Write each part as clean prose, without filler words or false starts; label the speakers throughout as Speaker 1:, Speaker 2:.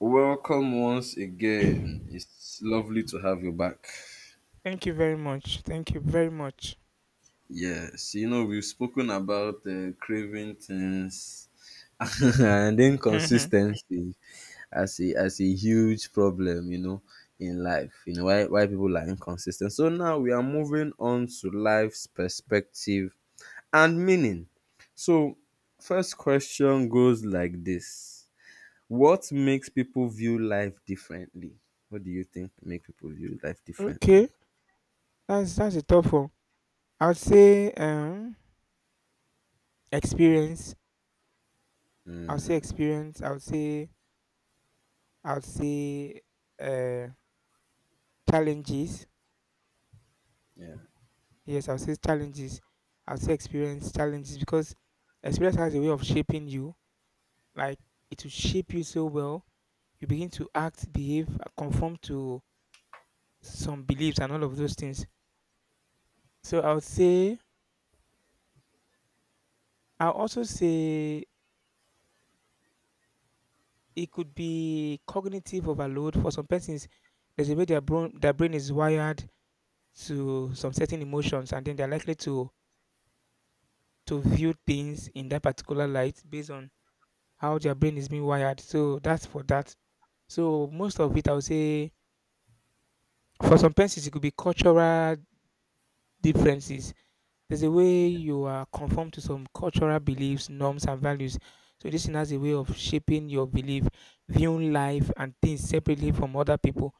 Speaker 1: Welcome once again.
Speaker 2: Thank
Speaker 1: It's lovely to have you back.
Speaker 2: you very much. Thank you very much.
Speaker 1: Yes, you know, we've spoken about craving things and
Speaker 2: Mhm.
Speaker 1: inconsistency as a huge problem, you know, in life, you know, why people are inconsistent. So now we are moving on to life's perspective and meaning. So, first question goes like this. What makes people view life differently? What do you think make people view life differently?
Speaker 2: Okay, that's a tough one. I would say experience. I would say experience. I would say uh challenges.
Speaker 1: Yeah.
Speaker 2: Yes, I would say challenges. I would say experience challenges because experience has a way of shaping you. Like it will shape you so well. You begin to act, behave, conform to some beliefs and all of those things. So I would say, I'll also say, it could be cognitive overload for some persons. There's a way their brain is wired to some certain emotions, and then they're likely to view things in that particular light based on how their brain is being wired. So that's for that. So most of it, I would say, for some persons, it could be cultural differences. There's a way you are conformed to some cultural beliefs, norms, and values. So this thing has a way of shaping your belief, viewing life and things separately from other people.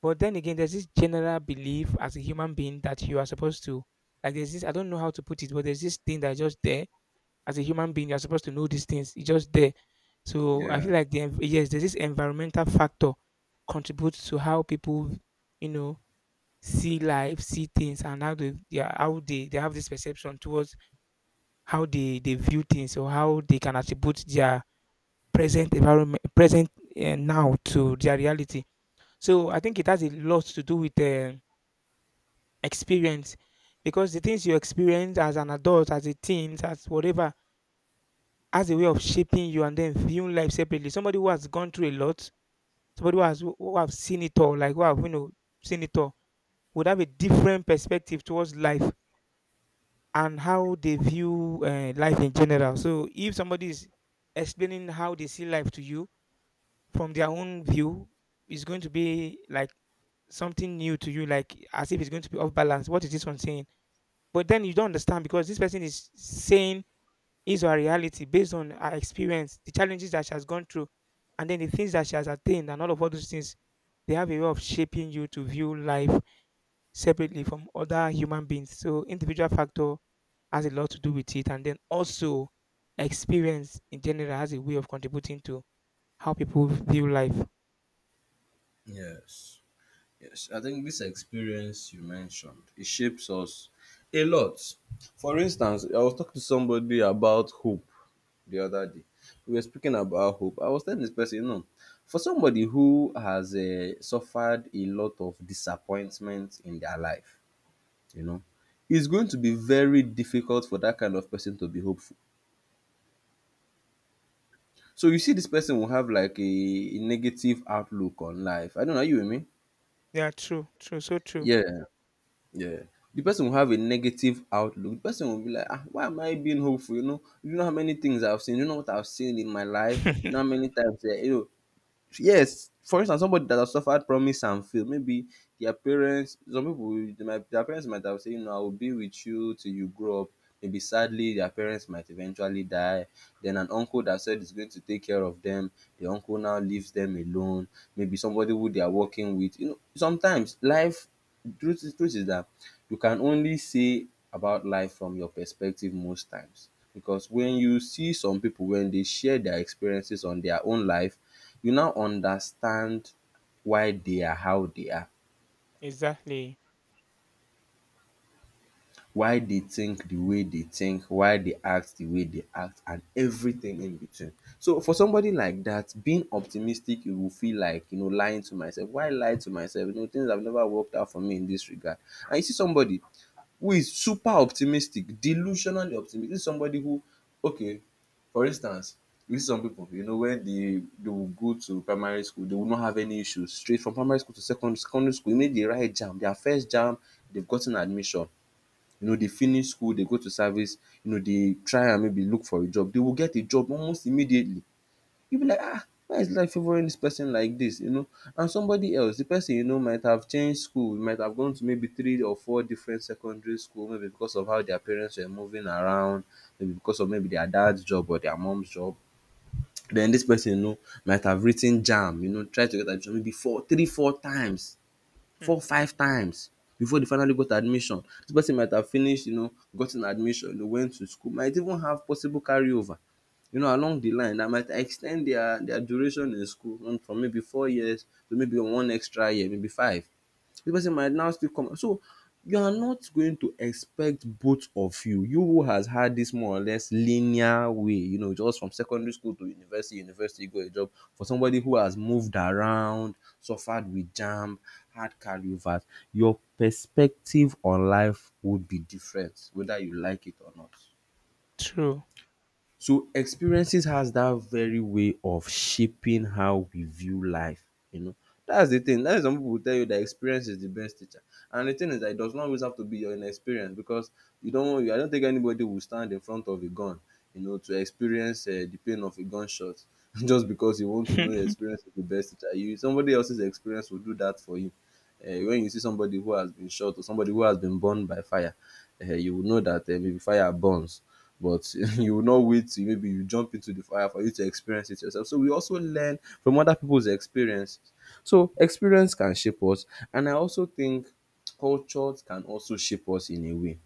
Speaker 2: But then again, there's this general belief as a human being that you are supposed to, like, there's this, I don't know how to put it, but there's this thing that's just there. As a human being, you're supposed to know these things. It's just there. So I
Speaker 1: Yeah.
Speaker 2: feel like, yes, there's this environmental factor contributes to how people, you know, see life, see things, and how they have this perception towards how they view things or how they can attribute their present environment, present now to their reality. So I think it has a lot to do with experience, because the things you experience as an adult, as a teen, as whatever, has a way of shaping you and then viewing life separately. Somebody who has gone through a lot, somebody who have seen it all, like who have seen it all, would have a different perspective towards life and how they view life in general. So if somebody is explaining how they see life to you from their own view, it's going to be like something new to you, like as if it's going to be off balance. What is this one saying? But then you don't understand because this person is saying his or her reality based on her experience, the challenges that she has gone through, and then the things that she has attained, and all of all those things. They have a way of shaping you to view life separately from other human beings. So individual factor has a lot to do with it, and then also experience in general has a way of contributing to how people view life.
Speaker 1: Yes. Yes. I think this experience you mentioned, it shapes us a lot. For instance, I was talking to somebody about hope the other day. We were speaking about hope. I was telling this person, you know, for somebody who has suffered a lot of disappointment in their life, you know, it's going to be very difficult for that kind of person to be hopeful. So you see, this person will have like a negative outlook on life. I don't know, are you with me?
Speaker 2: Yeah, true, true, so true.
Speaker 1: Yeah, yeah. The person will have a negative outlook. The person will be like, ah, why am I being hopeful? You know how many things I've seen. You know what I've seen in my life. You know how many times, eh, you know, yes, for instance, somebody that has suffered promise and failed, maybe their parents, some people, will- they might, their parents might have said, you know, I will be with you till you grow up. Maybe sadly, their parents might eventually die. Then an uncle that said he's going to take care of them, the uncle now leaves them alone. Maybe somebody who they are working with. You know, sometimes life, truth is that you can only say about life from your perspective most times because when you see some people when they share their experiences on their own life you now understand why they are how they are
Speaker 2: Exactly.
Speaker 1: why they think the way they think, why they act the way they act, and everything in between. So for somebody like that, being optimistic, it will feel like you know lying to myself. Why lie to myself? You know things have never worked out for me in this regard. And you see somebody who is super optimistic, delusionally optimistic. This is somebody who, okay, for instance, you see some people, you know, when they will go to primary school, they will not have any issues. Straight from primary school to secondary school, you know, the right jam, their first jam, they've gotten admission. You know dey finish school, dey go to service, you know dey try and maybe look for a job, dey will get a job almost immediately. You be like why is life favouring this person like this, you know, and somebody else, the person, you know, might have changed school, might have gone to maybe three or four different secondary school, maybe because of how their parents were moving around, maybe because of maybe their dad's job or their mom's job. Then this person, you know, might have writ ten JAMB, you know, try to get admission maybe four three four times,
Speaker 2: Hmm.
Speaker 1: four five times before they finally got admission. This person might have finished, you know, gotten admission, you know, went to school, might even have possible carry over, you know, along the line that might ex ten d their duration in school, from maybe 4 years to maybe one extra year, maybe five. The person might now still come. So you are not going to expect both of you, you who has had this more or less linear way, you know, just from secondary school to university, you got a job. For somebody who has moved around, suffered with jam, had cardiovas, your perspective on life would be different whether you like it or not.
Speaker 2: True.
Speaker 1: So experiences has that very way of shaping how we view life, you know. That's the thing. That's some people will tell you that experience is the best teacher. And the thing is that it does not always have to be your inexperience because you don't, I don't think anybody will stand in front of a gun, you know, to experience the pain of a gunshot just because you want to know your experience is the best teacher. You somebody else's experience will do that for you. When you see somebody who has been shot or somebody who has been burned by fire, eh, you will know that eh, maybe fire burns, but you will not wait till maybe you jump into the fire for you to experience it yourself. So we also learn from other people's experiences. So experience can shape us, and I also think culture can also shape us in a way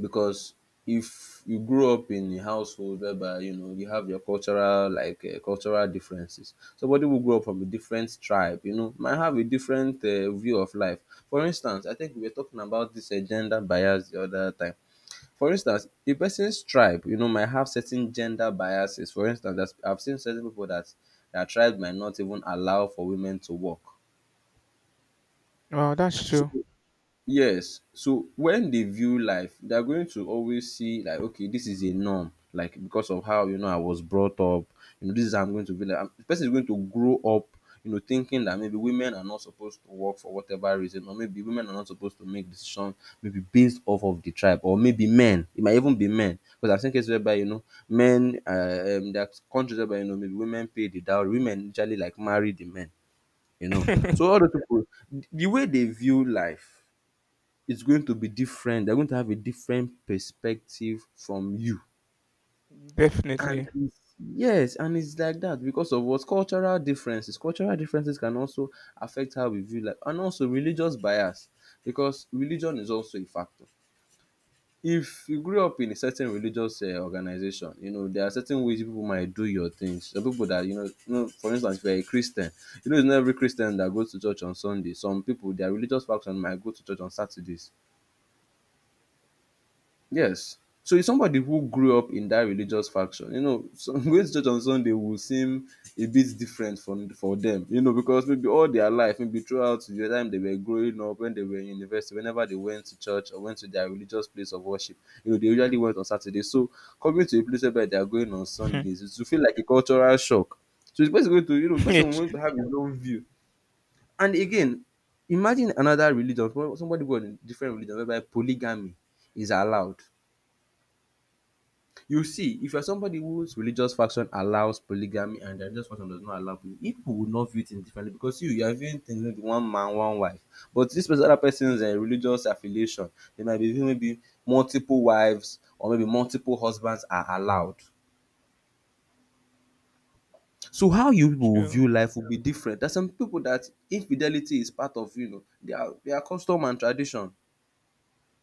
Speaker 1: because if you grow up in a household whereby you know you have your cultural like cultural differences, somebody will grow up from a different tribe, you know, might have a different view of life. For instance, I think we were talking about this gender bias the other time. For instance, a person's tribe, you know, might have certain gender biases. For instance, there's- I've seen certain people that their tribe might not even allow for women to work.
Speaker 2: Well, that's
Speaker 1: So
Speaker 2: true.
Speaker 1: yes, so when they view life, they are going to always see like, okay, this is a norm, like because of how you know I was brought up, you know, this is how I'm going to be like. I'm- The person is going to grow up, you know, thinking that maybe women are not supposed to work for whatever reason, or maybe women are not supposed to make decisions, maybe based off of the tribe, or maybe men. It might even be men, because I've seen cases whereby you know men, there are countries whereby you know maybe women pay the dowry, women usually like marry the men, you know. So all the people, the way they view life, it's going to be different. They're going to have a different perspective from you. And
Speaker 2: Definitely.
Speaker 1: it's, yes, and it's like that because of what cultural differences. Cultural differences can also affect how we view life, and also religious bias because religion is also a factor. If you grew up in a certain religious organization, you know there are certain ways people might do your things. Some people that you know, for instance, if you're a Christian, you know it's not every Christian that goes to church on Sunday. Some people, their religious faction might go to church on Saturdays. Yes. So it's somebody who grew up in that religious faction. You know, so going to church on Sunday will seem a bit different from for them, you know, because maybe all their life, maybe throughout the time they were growing up, when they were in university, whenever they went to church or went to their religious place of worship, you know, they usually went on Saturday. So coming to a place where they are going on
Speaker 2: Hmm.
Speaker 1: Sundays, it will feel like a cultural shock. So it's person going to, you know, person
Speaker 2: It's
Speaker 1: going to have his own view. And again, imagine another religion, somebody who in different religion whereby polygamy is allowed. You see, if you are somebody whose religious faction allows polygamy and their religious faction does not allow polygamy, people will not view things differently because you are viewing things maybe one man, one wife. But this person, other person's religious affiliation, they might be viewing maybe multiple wives or maybe multiple husbands are allowed. So how you people will
Speaker 2: true.
Speaker 1: view life will be different. There's some people that infidelity is part of, you know, their custom and tradition.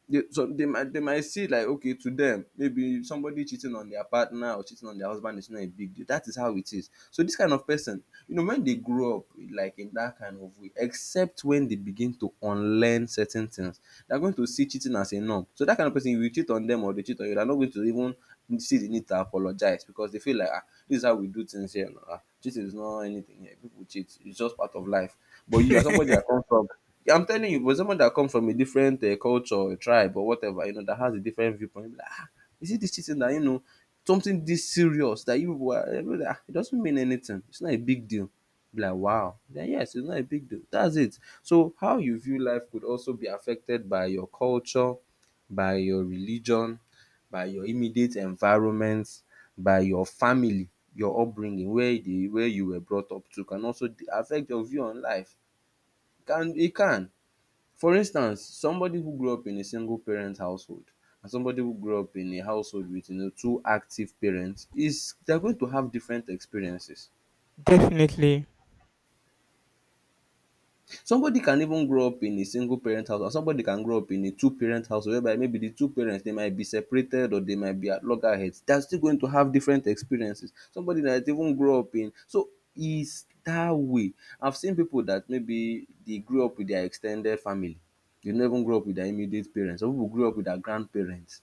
Speaker 1: They so they might see like okay to them maybe somebody cheating on their partner or cheating on their husband is not a big deal, that is how it is. So this kind of person, you know, when they grow up like in that kind of way, except when they begin to unlearn certain things, they're going to see cheating as a norm. So that kind of person, if you cheat on them or they cheat on you, they're not going to even see the need to apologize because they feel like, ah, this is how we do things here. No? Ah, cheating is not anything here, people cheat, it's just part of life. But you are somebody that comes from, I'm telling you, but someone that comes from a different culture or tribe or whatever, you know, that has a different viewpoint, be like, ah, is it this cheating that, you know, something this serious that you were, ah, it doesn't mean anything. It's not a big deal. Be like, wow. Then, yes, it's not a big deal. That's it. So, how you view life could also be affected by your culture, by your religion, by your immediate environment, by your family, your upbringing, where you were brought up to can also affect your view on life. Can it can For instance, somebody who grew up in a single parent household and somebody who grew up in a household with, you know, two active parents is they are going to have different experiences.
Speaker 2: Definitely.
Speaker 1: Somebody can even grow up in a single parent house, or somebody can grow up in a two parent house whereby maybe the two parents they might be separated or they might be at loggerheads. They are still going to have different experiences. Somebody that even grow up in so is that way. I've seen people that maybe they grew up with their extended family. They never even grow up with their immediate parents. Some people grew up with their grandparents.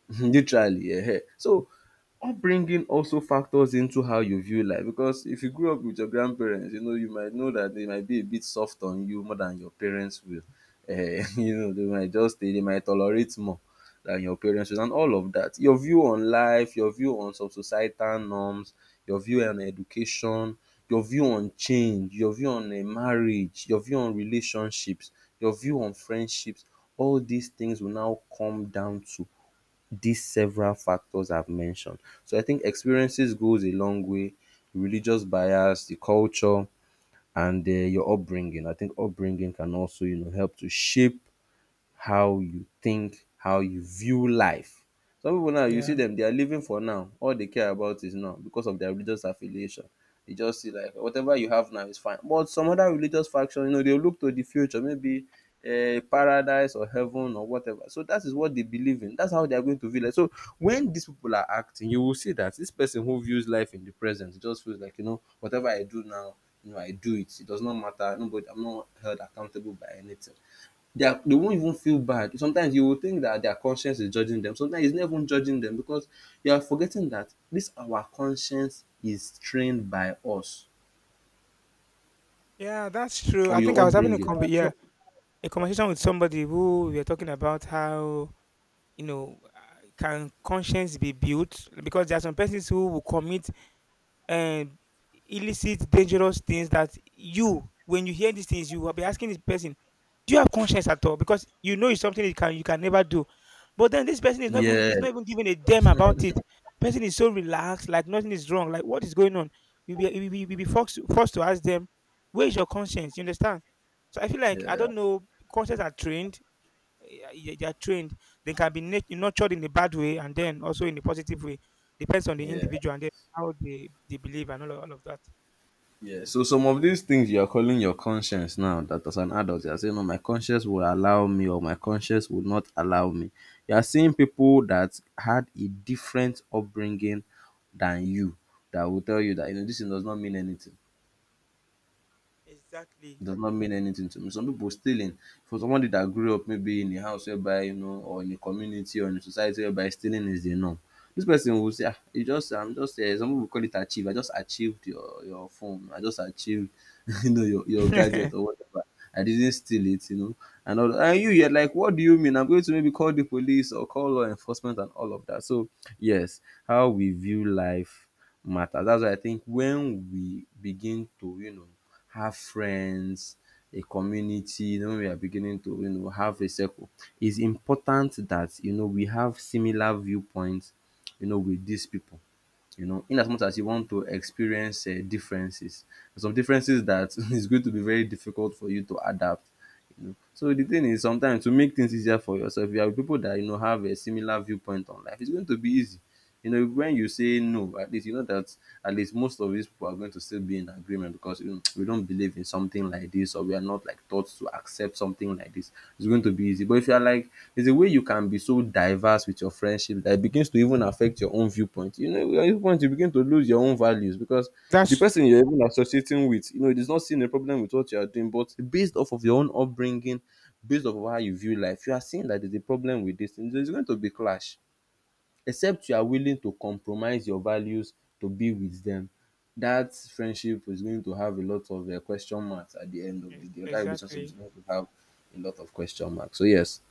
Speaker 1: Literally, yeah. So, upbringing also factors into how you view life, because if you grew up with your grandparents, you know, you might know that they might be a bit soft on you more than your parents will. Ehen, you know, they might just they might tolerate more than your parents will and all of that. Your view on life, your view on some societal norms, your view on education, your view on change, your view on marriage, your view on relationships, your view on friendships, all these things will now come down to these several factors I've mentioned. So I think experiences goes a long way. Religious bias, the culture, and your upbringing. I think upbringing can also, you know, help to shape how you think, how you view life. Some people now you see
Speaker 2: Yeah.
Speaker 1: them, they are living for now, all they care about is now because of their religious affiliation. They just see like whatever you have now is fine. But some other religious faction, you know, they look to the future, maybe a paradise or heaven or whatever. So that is what they believe in. That's how they are going to view life. So when these people are acting, you will see that this person who views life in the present just feels like, you know, whatever I do now, you know, I do it. It does not matter. Nobody, I'm not held accountable by anything. They won't even feel bad. Sometimes you will think that their conscience is judging them. Sometimes it's not even judging them because you are forgetting that this our conscience is trained by us
Speaker 2: Yeah, that's true.
Speaker 1: or
Speaker 2: I think
Speaker 1: your
Speaker 2: I was having a
Speaker 1: upbringing.
Speaker 2: conver- yeah,
Speaker 1: So
Speaker 2: a conversation with somebody who we were talking about how, can conscience be built? Because there are some persons who will commit um, illicit, dangerous things that you, when you hear these things, you will be asking this person, do you have conscience at all? Because you know it's something you can never do. But then this person is not even
Speaker 1: yeah,
Speaker 2: is not even giving a damn about it. Person is so relaxed, like nothing is wrong. Like what is going on? You'll be forced to ask them, where is your conscience? You understand? So I feel like I
Speaker 1: yeah,
Speaker 2: don't know. Conscience are trained. eh, They are trained. They can be nurtured in a bad way and then also in a positive way. Depends on the
Speaker 1: yeah,
Speaker 2: individual and then how they believe and all of that.
Speaker 1: yeah. So some of these things you are calling your conscience now that as an adult you are saying, "No, my conscience will allow me or my conscience will not allow me." You are seeing people that had a different upbringing than you that will tell you that, you know, this thing does not mean anything.
Speaker 2: Exactly.
Speaker 1: does not mean anything to me. Some people stealing, for somebody that grew up maybe in a house whereby, you know, or in a community or in a society whereby stealing is the norm. This person will say, "Ah, you just I'm just some pipu call it achieve. I just achieved your phone. I just achieved you know your gadget or whatever. I didn't steal it, you know." And all and you're like, what do you mean? I'm going to maybe call the police or call law enforcement and all of that. So yes, how we view life matters. That's why I think when we begin to, you know, have friends, a community, you know, when we are beginning to, you know, have a circle, it's important that, you know, we have similar viewpoints, you know, with these people. You know, in as much as you want to experience differences, some differences that is going to be very difficult for you to adapt. You know, so the thing is sometimes to make things easier for yourself, you have people that, you know, have a similar viewpoint on life. It's going to be easy. You know, when you say no, at least you know that at least most of these people are going to still be in agreement, because you know, we don't believe in something like this or we are not like taught to accept something like this. It's going to be easy. But if you are like, there's a way you can be so diverse with your friendship that it begins to even affect your own viewpoint. You know, your viewpoint, you begin to lose your own values because the
Speaker 2: That's
Speaker 1: person
Speaker 2: true.
Speaker 1: you're even associating with, you know, it is not seeing a problem with what you are doing, but based off of your own upbringing, based off of how you view life, you are seeing that there's a problem with this, and there's going to be clash, except you are willing to compromise your values to be with them. That friendship is going to have a lot of question marks at the end of the
Speaker 2: Yes,
Speaker 1: day. That relationship is
Speaker 2: exactly.
Speaker 1: going to have a lot of question marks. So yes,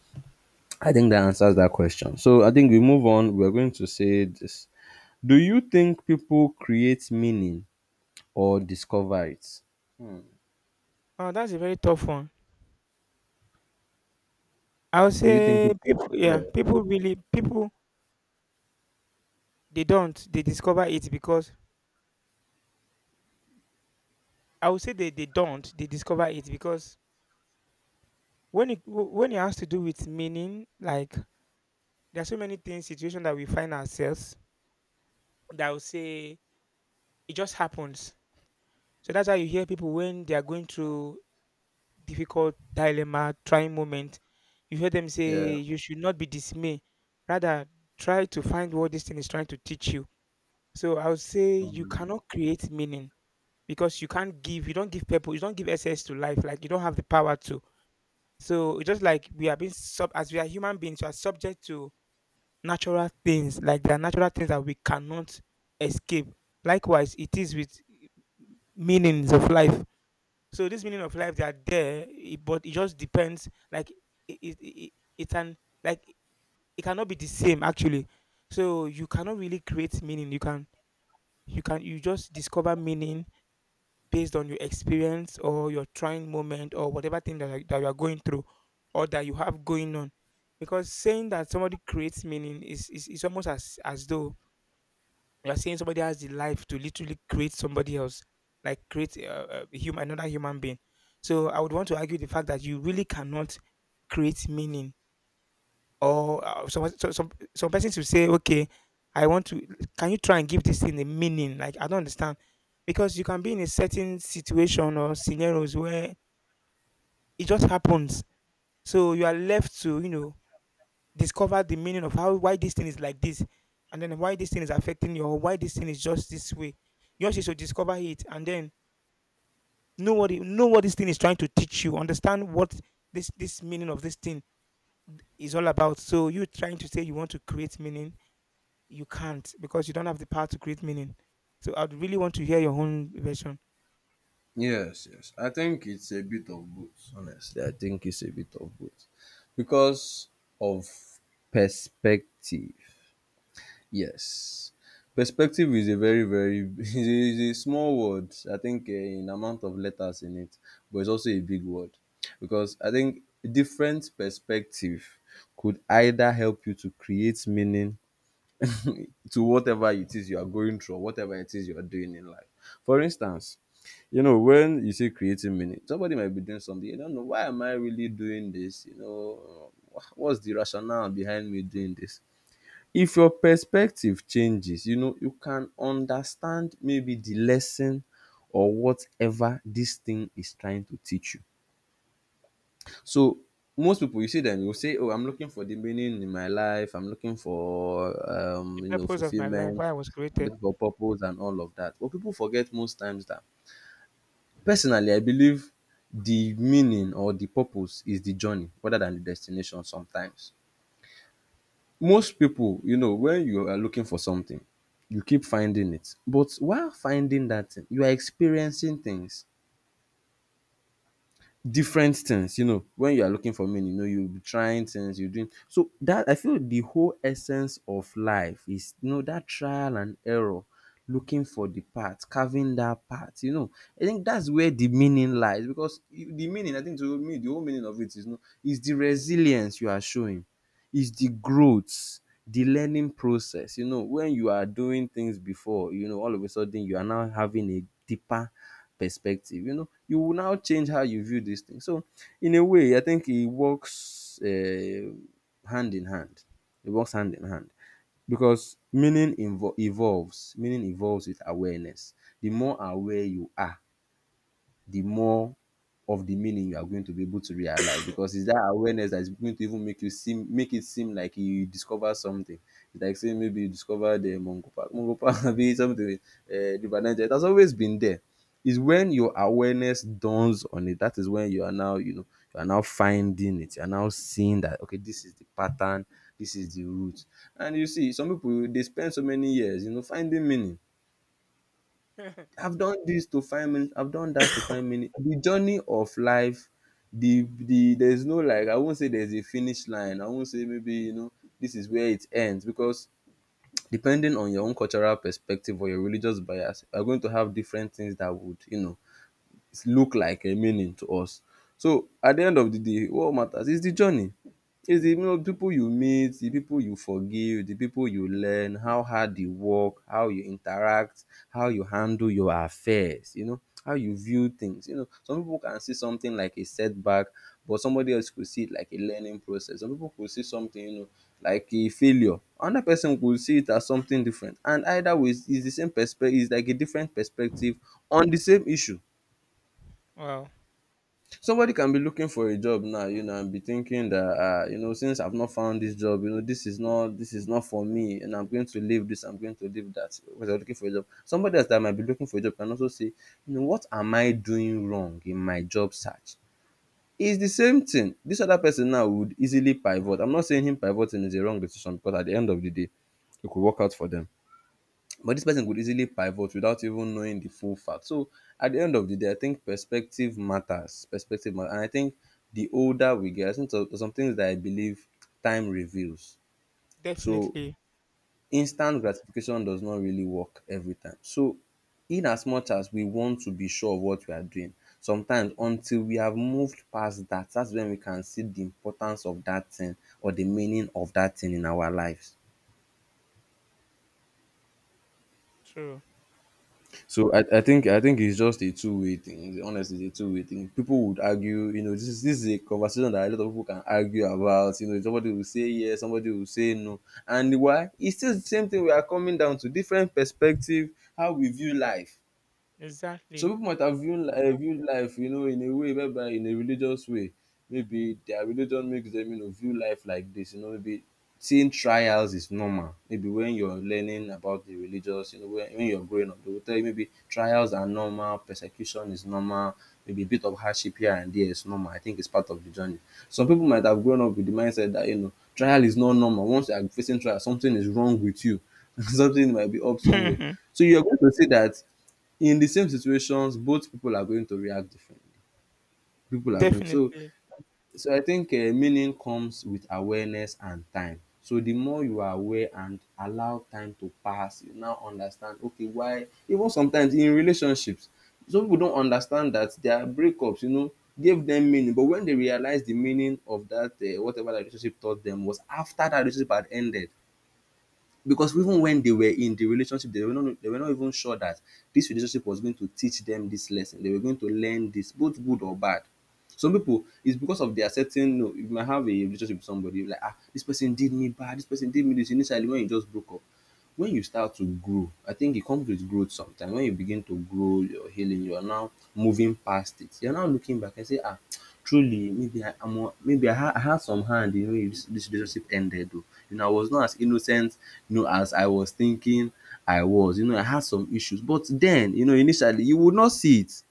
Speaker 1: I think that answers that question. So I think we move on. We're going to say this. Do you think people create meaning or discover it?
Speaker 2: Wow, that's a very tough one. I would
Speaker 1: Do you think?
Speaker 2: say people, yeah,
Speaker 1: Yeah.
Speaker 2: people really, people, they don't, they discover it because, I would say they don't, they discover it because when it has to do with meaning, like, there are so many things, situations that we find ourselves that I would say it just happens. So that's why you hear people when they are going through difficult dilemma, trying moment, you hear them
Speaker 1: Yeah.
Speaker 2: say, you should not be dismayed. Rather, try to find what this thing is trying to teach you. So I would say you
Speaker 1: Um,
Speaker 2: cannot create meaning because you can't give, you don't give people. You don't give essence to life, like you don't have the power to. So it's just like we are human beings, we are subject to natural things, like there are natural things that we cannot escape. Likewise, it is with meanings of life. So this meaning of life they are there, but it just depends. Like it can, like it cannot be the same actually. So you cannot really create meaning. You just discover meaning based on your experience or your trying moment or whatever thing that you are going through or that you have going on because saying that somebody creates meaning is almost as though you are saying somebody has the life to literally create somebody else like create a human another human being. So I would want to argue the fact that you really cannot create meaning or some so some persons will say, okay, I want to. Can you try and give this thing a meaning? Like I don't understand, because you can be in a certain situation or scenarios where it just happens. So you are left to discover the meaning of how why this thing is like this, and then why this thing is affecting you, or why this thing is just this way. You also should discover it, and then know what it, know what this thing is trying to teach you. Understand what this meaning of this thing is all about. So you trying to say you want to create meaning, you can't because you don't have the power to create meaning. So I'd really want to hear your own version.
Speaker 1: Yes, I think it's a bit of both, honestly. I think it's a bit of both. Because of perspective. Yes. Perspective is a very is a small word. I think in amount of letters in it, but it's also a big word. Because I think different perspective could either help you to create meaning to whatever it is you are going through or whatever it is you are doing in life. For instance, you know, when you say creating meaning, somebody might be doing something, you don't know, why am I really doing this? You know, what's the rationale behind me doing this? If your perspective changes, you know, you can understand maybe the lesson or whatever this thing is trying to teach you. So most people you see them you say, "Oh, I'm looking for the meaning in my life. I'm looking for
Speaker 2: The
Speaker 1: you know,
Speaker 2: purpose of my life,
Speaker 1: fulfillment.
Speaker 2: why I was
Speaker 1: I'm
Speaker 2: created.
Speaker 1: looking for purpose and all of that." But people forget most times that, personally, I believe the meaning or the purpose is the journey rather than the destination. Sometimes most people, you know, when you are looking for something, you keep finding it, but while finding that thing, you are experiencing things, different things. You know, when you are looking for meaning, you know, you'll be trying things, you're doing. So that I feel the whole essence of life is, you know, that trial and error, looking for the path, carving that path, you know, I think that's where the meaning lies, because the meaning, I think, to me, the whole meaning of it is, you know, is the resilience you are showing, is the growth, the learning process. You know, when you are doing things before, you know, all of a sudden you are now having a deeper perspective. You know, you will now change how you view this thing. So, in a way, I think it works hand in hand. It works hand in hand, because evolves. Meaning evolves with awareness. The more aware you are, the more of the meaning you are going to be able to realize, because it's that awareness that is going to even make it seem like you discover something. It's like saying maybe you discovered the mongo Park. Mongo Park be something, River Niger. It has always been there. It's when your awareness dawns on it. That is when you are now, you know, you are now finding it. You are now seeing that, okay, this is the pattern, this is the root. And you see, some people they spend so many years, you know, finding meaning. I've done this to find meaning. I've done that to find meaning. The journey of life, the there's no, like, I won't say there's a finish line. I won't say maybe, you know, this is where it ends, because depending on your own cultural perspective or your religious bias, you're going to have different things that would, you know, look like a meaning to us. So at the end of the day, what matters is the journey. It's the, you know, people you meet, the people you forgive, the people you learn, how hard you work, how you interact, how you handle your affairs, you know, how you view things. You know, some people can see something like a setback, but somebody else could see it like a learning process. Some people could see something, you know, like a failure. Another person could see it as something different. And either way, it's the same perspective, it's like a different perspective on the same issue.
Speaker 2: Wow,
Speaker 1: Somebody can be looking for a job now, you know, and be thinking that you know, since I've not found this job, you know, this is not for me, and I'm going to leave this, I'm going to leave that because I'm looking for a job. Somebody else that might be looking for a job can also say, you know, what am I doing wrong in my job search? It's the same thing. This other person now would easily pivot. I'm not saying him pivoting is a wrong decision because at the end of the day, it could work out for them, but this person could easily pivot without even knowing the full fact. So at the end of the day, I think perspective matters. Perspective matters. And I think the older we get, I think some things that I believe time reveals. So
Speaker 2: definitely
Speaker 1: instant gratification does not really work every time. So in as much as we want to be sure of what we are doing, sometimes until we have moved past that, that's when we can see the importance of that thing or the meaning of that thing in our lives.
Speaker 2: true.
Speaker 1: So I think it's just a two-way thing. Honestly, it's a two-way thing. People would argue, you know, this is a conversation that a lot of people can argue about. You know, somebody will say yes, somebody will say no. And why? It's still the same thing we are coming down to, different perspective, how we view life. Some
Speaker 2: Exactly.
Speaker 1: people might have viewed life, you know, in a way, whereby in a religious way, maybe their religion makes them, you know, view life like this. You know, maybe seeing trials is normal. Maybe when you're learning about the religious, you know, when you're growing up, they will tell you maybe trials are normal, persecution is normal, maybe a bit of hardship here and there is normal. I think it's part of the journey. Some people might have grown up with the mindset that, you know, trial is not normal. Once you are facing trial, something is wrong with you. Something might be up somewhere.
Speaker 2: Definitely
Speaker 1: So you're going to see that in the same situations both people are going to react differently. People are going so So I think meaning comes with awareness and time. So the more you are aware and allow time to pass, you now understand, okay, why, even sometimes in relationships, some people don't understand that their breakups, you know, gave them meaning. But when they realize the meaning of that, whatever that relationship taught them was after that relationship had ended. Because even when they were in the relationship, they were not even sure that this relationship was going to teach them this lesson, they were going to learn this, both good or bad. Some people, it's because of their certain, no, you might have a relationship with somebody, like, ah, this person did me bad, this person did me this, initially when you just broke up. When you start to grow, I think it comes with growth sometimes. When you begin to grow your healing, you are now moving past it. You're now looking back and say, ah, truly, maybe I, I'm, a- maybe I, ha- I had some hand in, you know, this relationship ended. Though. You know, I was not as innocent, you know, as I was thinking I was. You know, I had some issues, but then, you know, initially you would not see it.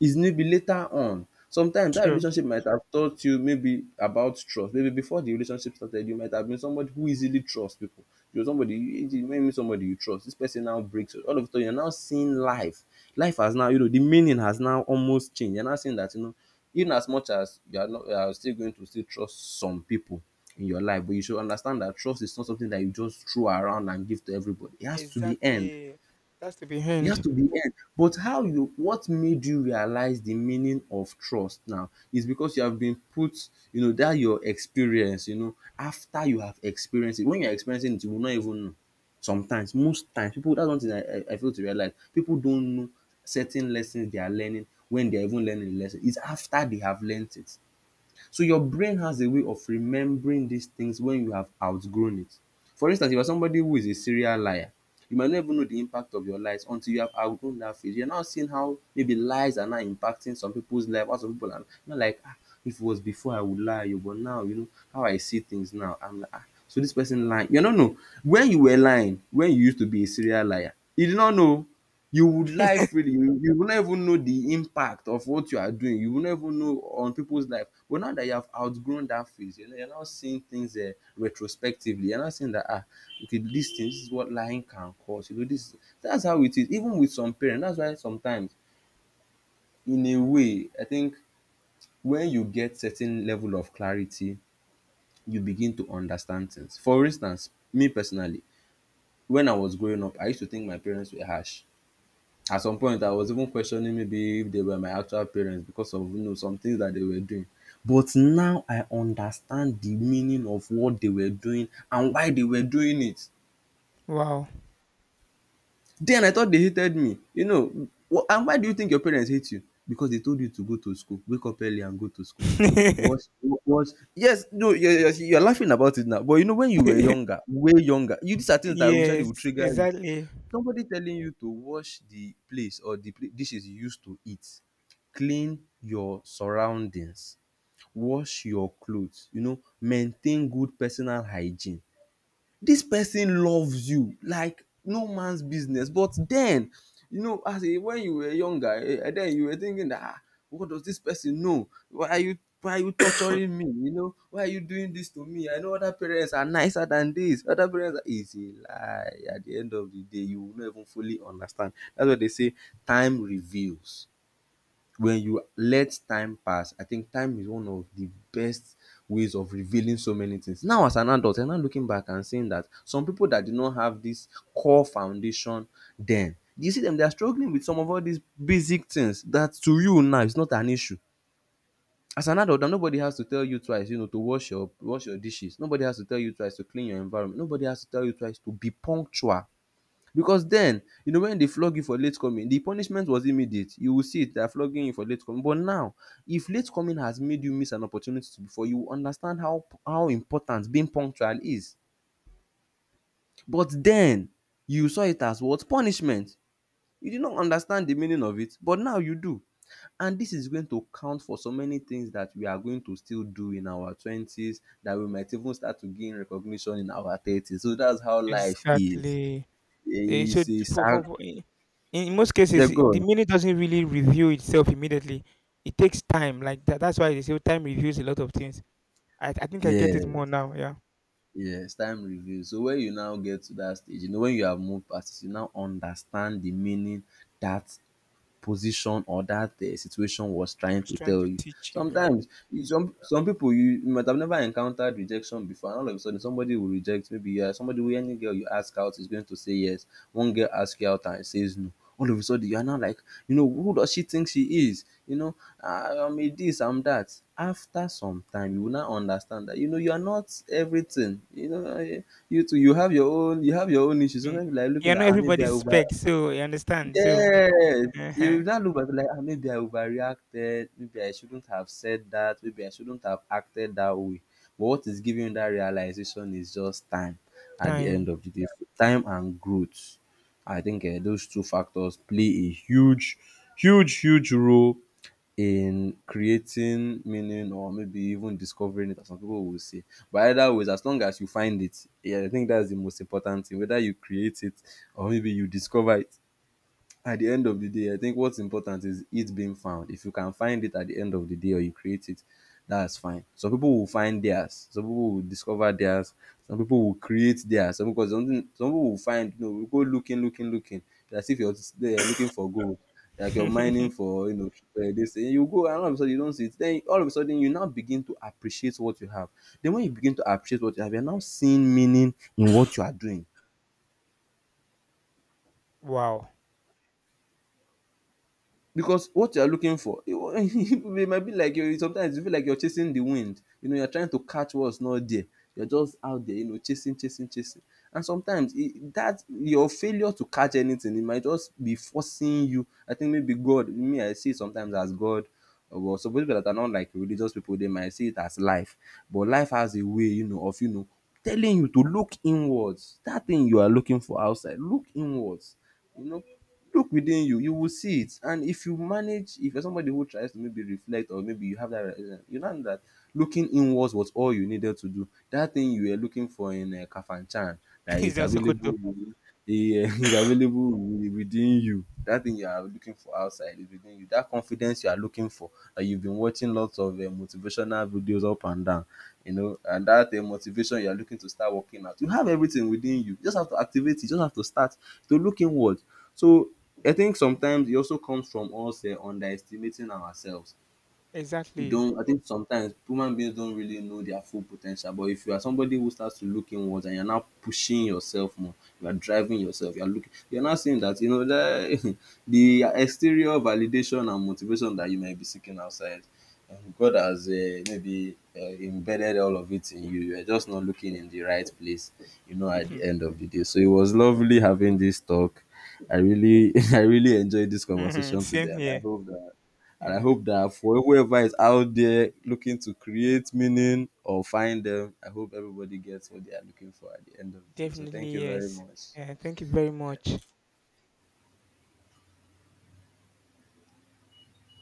Speaker 1: It may be later on. Sometimes that
Speaker 2: true.
Speaker 1: relationship might have taught you maybe about trust. Maybe before the relationship started, you might have been somebody who easily trusts people. You're somebody, you may meet somebody you trust. This person now breaks it. All of a sudden, you're now seeing life. Life has now, you know, the meaning has now almost changed. You're now seeing that, you know, even as much as you are not, you are still going to still trust some people in your life, but you should understand that trust is not something that you just throw around and give to everybody. It has to be earned.
Speaker 2: Exactly. That's to be
Speaker 1: It has
Speaker 2: hand.
Speaker 1: to be end. But how you, what made you realize the meaning of trust now is because you have been put, you know, that your experience, you know, after you have experienced it. When you're experiencing it, you will not even know. Sometimes, most times, people, that's one thing I feel to realize. People don't know certain lessons they are learning when they're even learning the lesson. It's after they have learned it. So your brain has a way of remembering these things when you have outgrown it. For instance, if you are somebody who is a serial liar, you might not even know the impact of your lies until you have outgrown that phase. You're now seeing how maybe lies are now impacting some people's life. Or some people are not, like, ah, if it was before I would lie, you, but now, you know, how I see things now, I'm like, ah, so this person lying. You don't know. When you were lying, when you used to be a serial liar, you did not know. You would life, really, you will not even know the impact of what you are doing. You will not even know on people's life. But now that you have outgrown that phase, you know, you're now seeing things retrospectively. You're not seeing that, ah, okay, this thing, this is what lying can cause. You know this. That's how it is. Even with some parents, that's why sometimes, in a way, I think when you get certain level of clarity you begin to understand things. For instance, me personally, when I was growing up I used to think my parents were harsh. At some point, I was even questioning maybe if they were my actual parents because of, you know, some things that they were doing. But now I understand the meaning of what they were doing and why they were doing it.
Speaker 2: Wow.
Speaker 1: Then I thought they hated me. You know, and why do you think your parents hate you? Because they told you to go to school, wake up early and go to school. Was yes no you're, you're laughing about it now, but you know when you were younger, way younger, you, these are things that usually would
Speaker 2: Yes,
Speaker 1: trigger you.
Speaker 2: exactly.
Speaker 1: Somebody telling you to wash the place or the dishes you use to eat, clean your surroundings, wash your cloth, you know, maintain good personal hygiene. This person loves you like no man's business. But then, you know, as a when you were younger, and then you were thinking that, ah, what does this person know, why are you, why are you torturing me, you know, why are you doing this to me? I know other parents are nicer than this, other parents are easy. A lie at the end of the day, you will not even fully understand. That's why they say time reveals. When you let time pass, I think time is one of the best ways of revealing so many things. Now as an adult, I'm now looking back and seeing that some people that did not have this core foundation, then you see them, they are struggling with some of all these basic things that to you now is not an issue. As an adult, nobody has to tell you twice, you know, to wash your dishes, nobody has to tell you twice to clean your environment, nobody has to tell you twice to be punctual. Because then, you know, when they flog you for late coming, the punishment was immediate. You will see it, they are flogging you for late coming. But now, if late coming has made you miss an opportunity before, you will understand how important being punctual is. But then, you saw it as what? Punishment. You did not understand the meaning of it, but now you do. And this is going to count for so many things that we are going to still do in our 20s, that we might even start to gain recognition in our 30s. So that's how life is.
Speaker 2: Exactly. Eh, so
Speaker 1: It's a sad.
Speaker 2: for in most
Speaker 1: Yeah,
Speaker 2: cases,
Speaker 1: go
Speaker 2: the
Speaker 1: on.
Speaker 2: meaning doesn't really reveal itself immediately. It takes time. Like that. That's why they say time reveals a lot of things. I think I get it
Speaker 1: Yeah.
Speaker 2: more now. Yeah, I
Speaker 1: Yes, time reveals. So when you now get to that stage, you know, when you have moved past it, you now understand the meaning that position or that situation was trying
Speaker 2: was
Speaker 1: to
Speaker 2: trying
Speaker 1: tell
Speaker 2: to
Speaker 1: you.
Speaker 2: teach you. Yeah,
Speaker 1: Sometimes some people, you might have never encountered rejection before, and all of a sudden somebody will reject. Maybe yeah, somebody will any girl you ask out is going to say yes. One girl asks you out and says no. All of a sudden you are now like, you know, who does she think she is? You know, "Ah, I'm a this, I'm that." After some time, you will now understand that you know you are not everything. You know, you too, you have your own, you have your own issues.
Speaker 2: mm.
Speaker 1: Sometimes you like
Speaker 2: You're
Speaker 1: looking at,
Speaker 2: not
Speaker 1: ah, maybe I
Speaker 2: everybody's
Speaker 1: over
Speaker 2: spec, so you understand. So
Speaker 1: yeah,
Speaker 2: uh
Speaker 1: you now look back like, "Ah, maybe I overreacted, maybe I shouldn't have said that, maybe I shouldn't have acted that way." But what is giving you that realization is just time at the end
Speaker 2: time.
Speaker 1: of the day. Time and growth. I think those two factors play a huge, huge, huge role in creating meaning or maybe even discovering it, as some people will say. But either ways, as long as you find it, yeah, I think that's the most important thing. Whether you create it or maybe you discover it, at the end of the day, I think what's important is it being found. If you can find it at the end of the day or you create it, that's fine. Some people will find theirs, some people will discover theirs, some people will create theirs, some because something some people will find you know, will go looking, looking, looking. As if you're there looking for gold, like you're mining for you know this thing. You go and all of a sudden you don't see it. Then all of a sudden you now begin to appreciate what you have. Then when you begin to appreciate what you have, you're now seeing meaning in what you are doing
Speaker 2: Wow.
Speaker 1: because what you are looking for it might be like you sometimes you feel like you're chasing the wind, you know, you're trying to catch what's not there. You're just out there, you know, chasing, chasing, chasing, and sometimes that your failure to catch anything, it might just be forcing you. I think maybe God, me, I see it sometimes as God, or well, some people that are not like religious people, they might see it as life. But life has a way, you know, of, you know, telling you to look inwards. That thing you are looking for outside, look inwards, you know, look within you, you will see it. And if you manage, if you're somebody who tries to maybe reflect or maybe you have that realization, you know that looking inwards was all you needed to do. That thing you were looking for in Kafanchan that
Speaker 2: It's
Speaker 1: is
Speaker 2: not
Speaker 1: available
Speaker 2: Sokoto.
Speaker 1: within- is available within you. That thing you are looking for outside is within you. That confidence you are looking for, that you've been watching lots of motivational videos up and down, you know, and that motivation you are looking to start working out, you have everything within you. You just have to activate it, you just have to start to look inward. So I think sometimes it also comes from us underestimating ourselves. We
Speaker 2: Exactly.
Speaker 1: don't, I think sometimes human beings don't really know their full potential, but if you are somebody who starts to look inwards and you're now pushing yourself more, you are driving yourself, you're looking, you're now seeing that you know the the exterior validation and motivation that you might be seeking outside, God has maybe embedded all of it in you. You're just not looking in the right place, you know, at the
Speaker 2: Hmm.
Speaker 1: end of the day. So it was lovely having this talk. I really I really enjoyed this
Speaker 2: Mhm,
Speaker 1: conversation today,
Speaker 2: same
Speaker 1: and I
Speaker 2: here.
Speaker 1: hope that and I
Speaker 2: Yeah,
Speaker 1: hope that for whoever is out there looking to create meaning or find them, I hope everybody gets what they are looking for at the end of the day. So thank
Speaker 2: definitely
Speaker 1: you very
Speaker 2: yes.
Speaker 1: much.
Speaker 2: Yeah, thank you very much.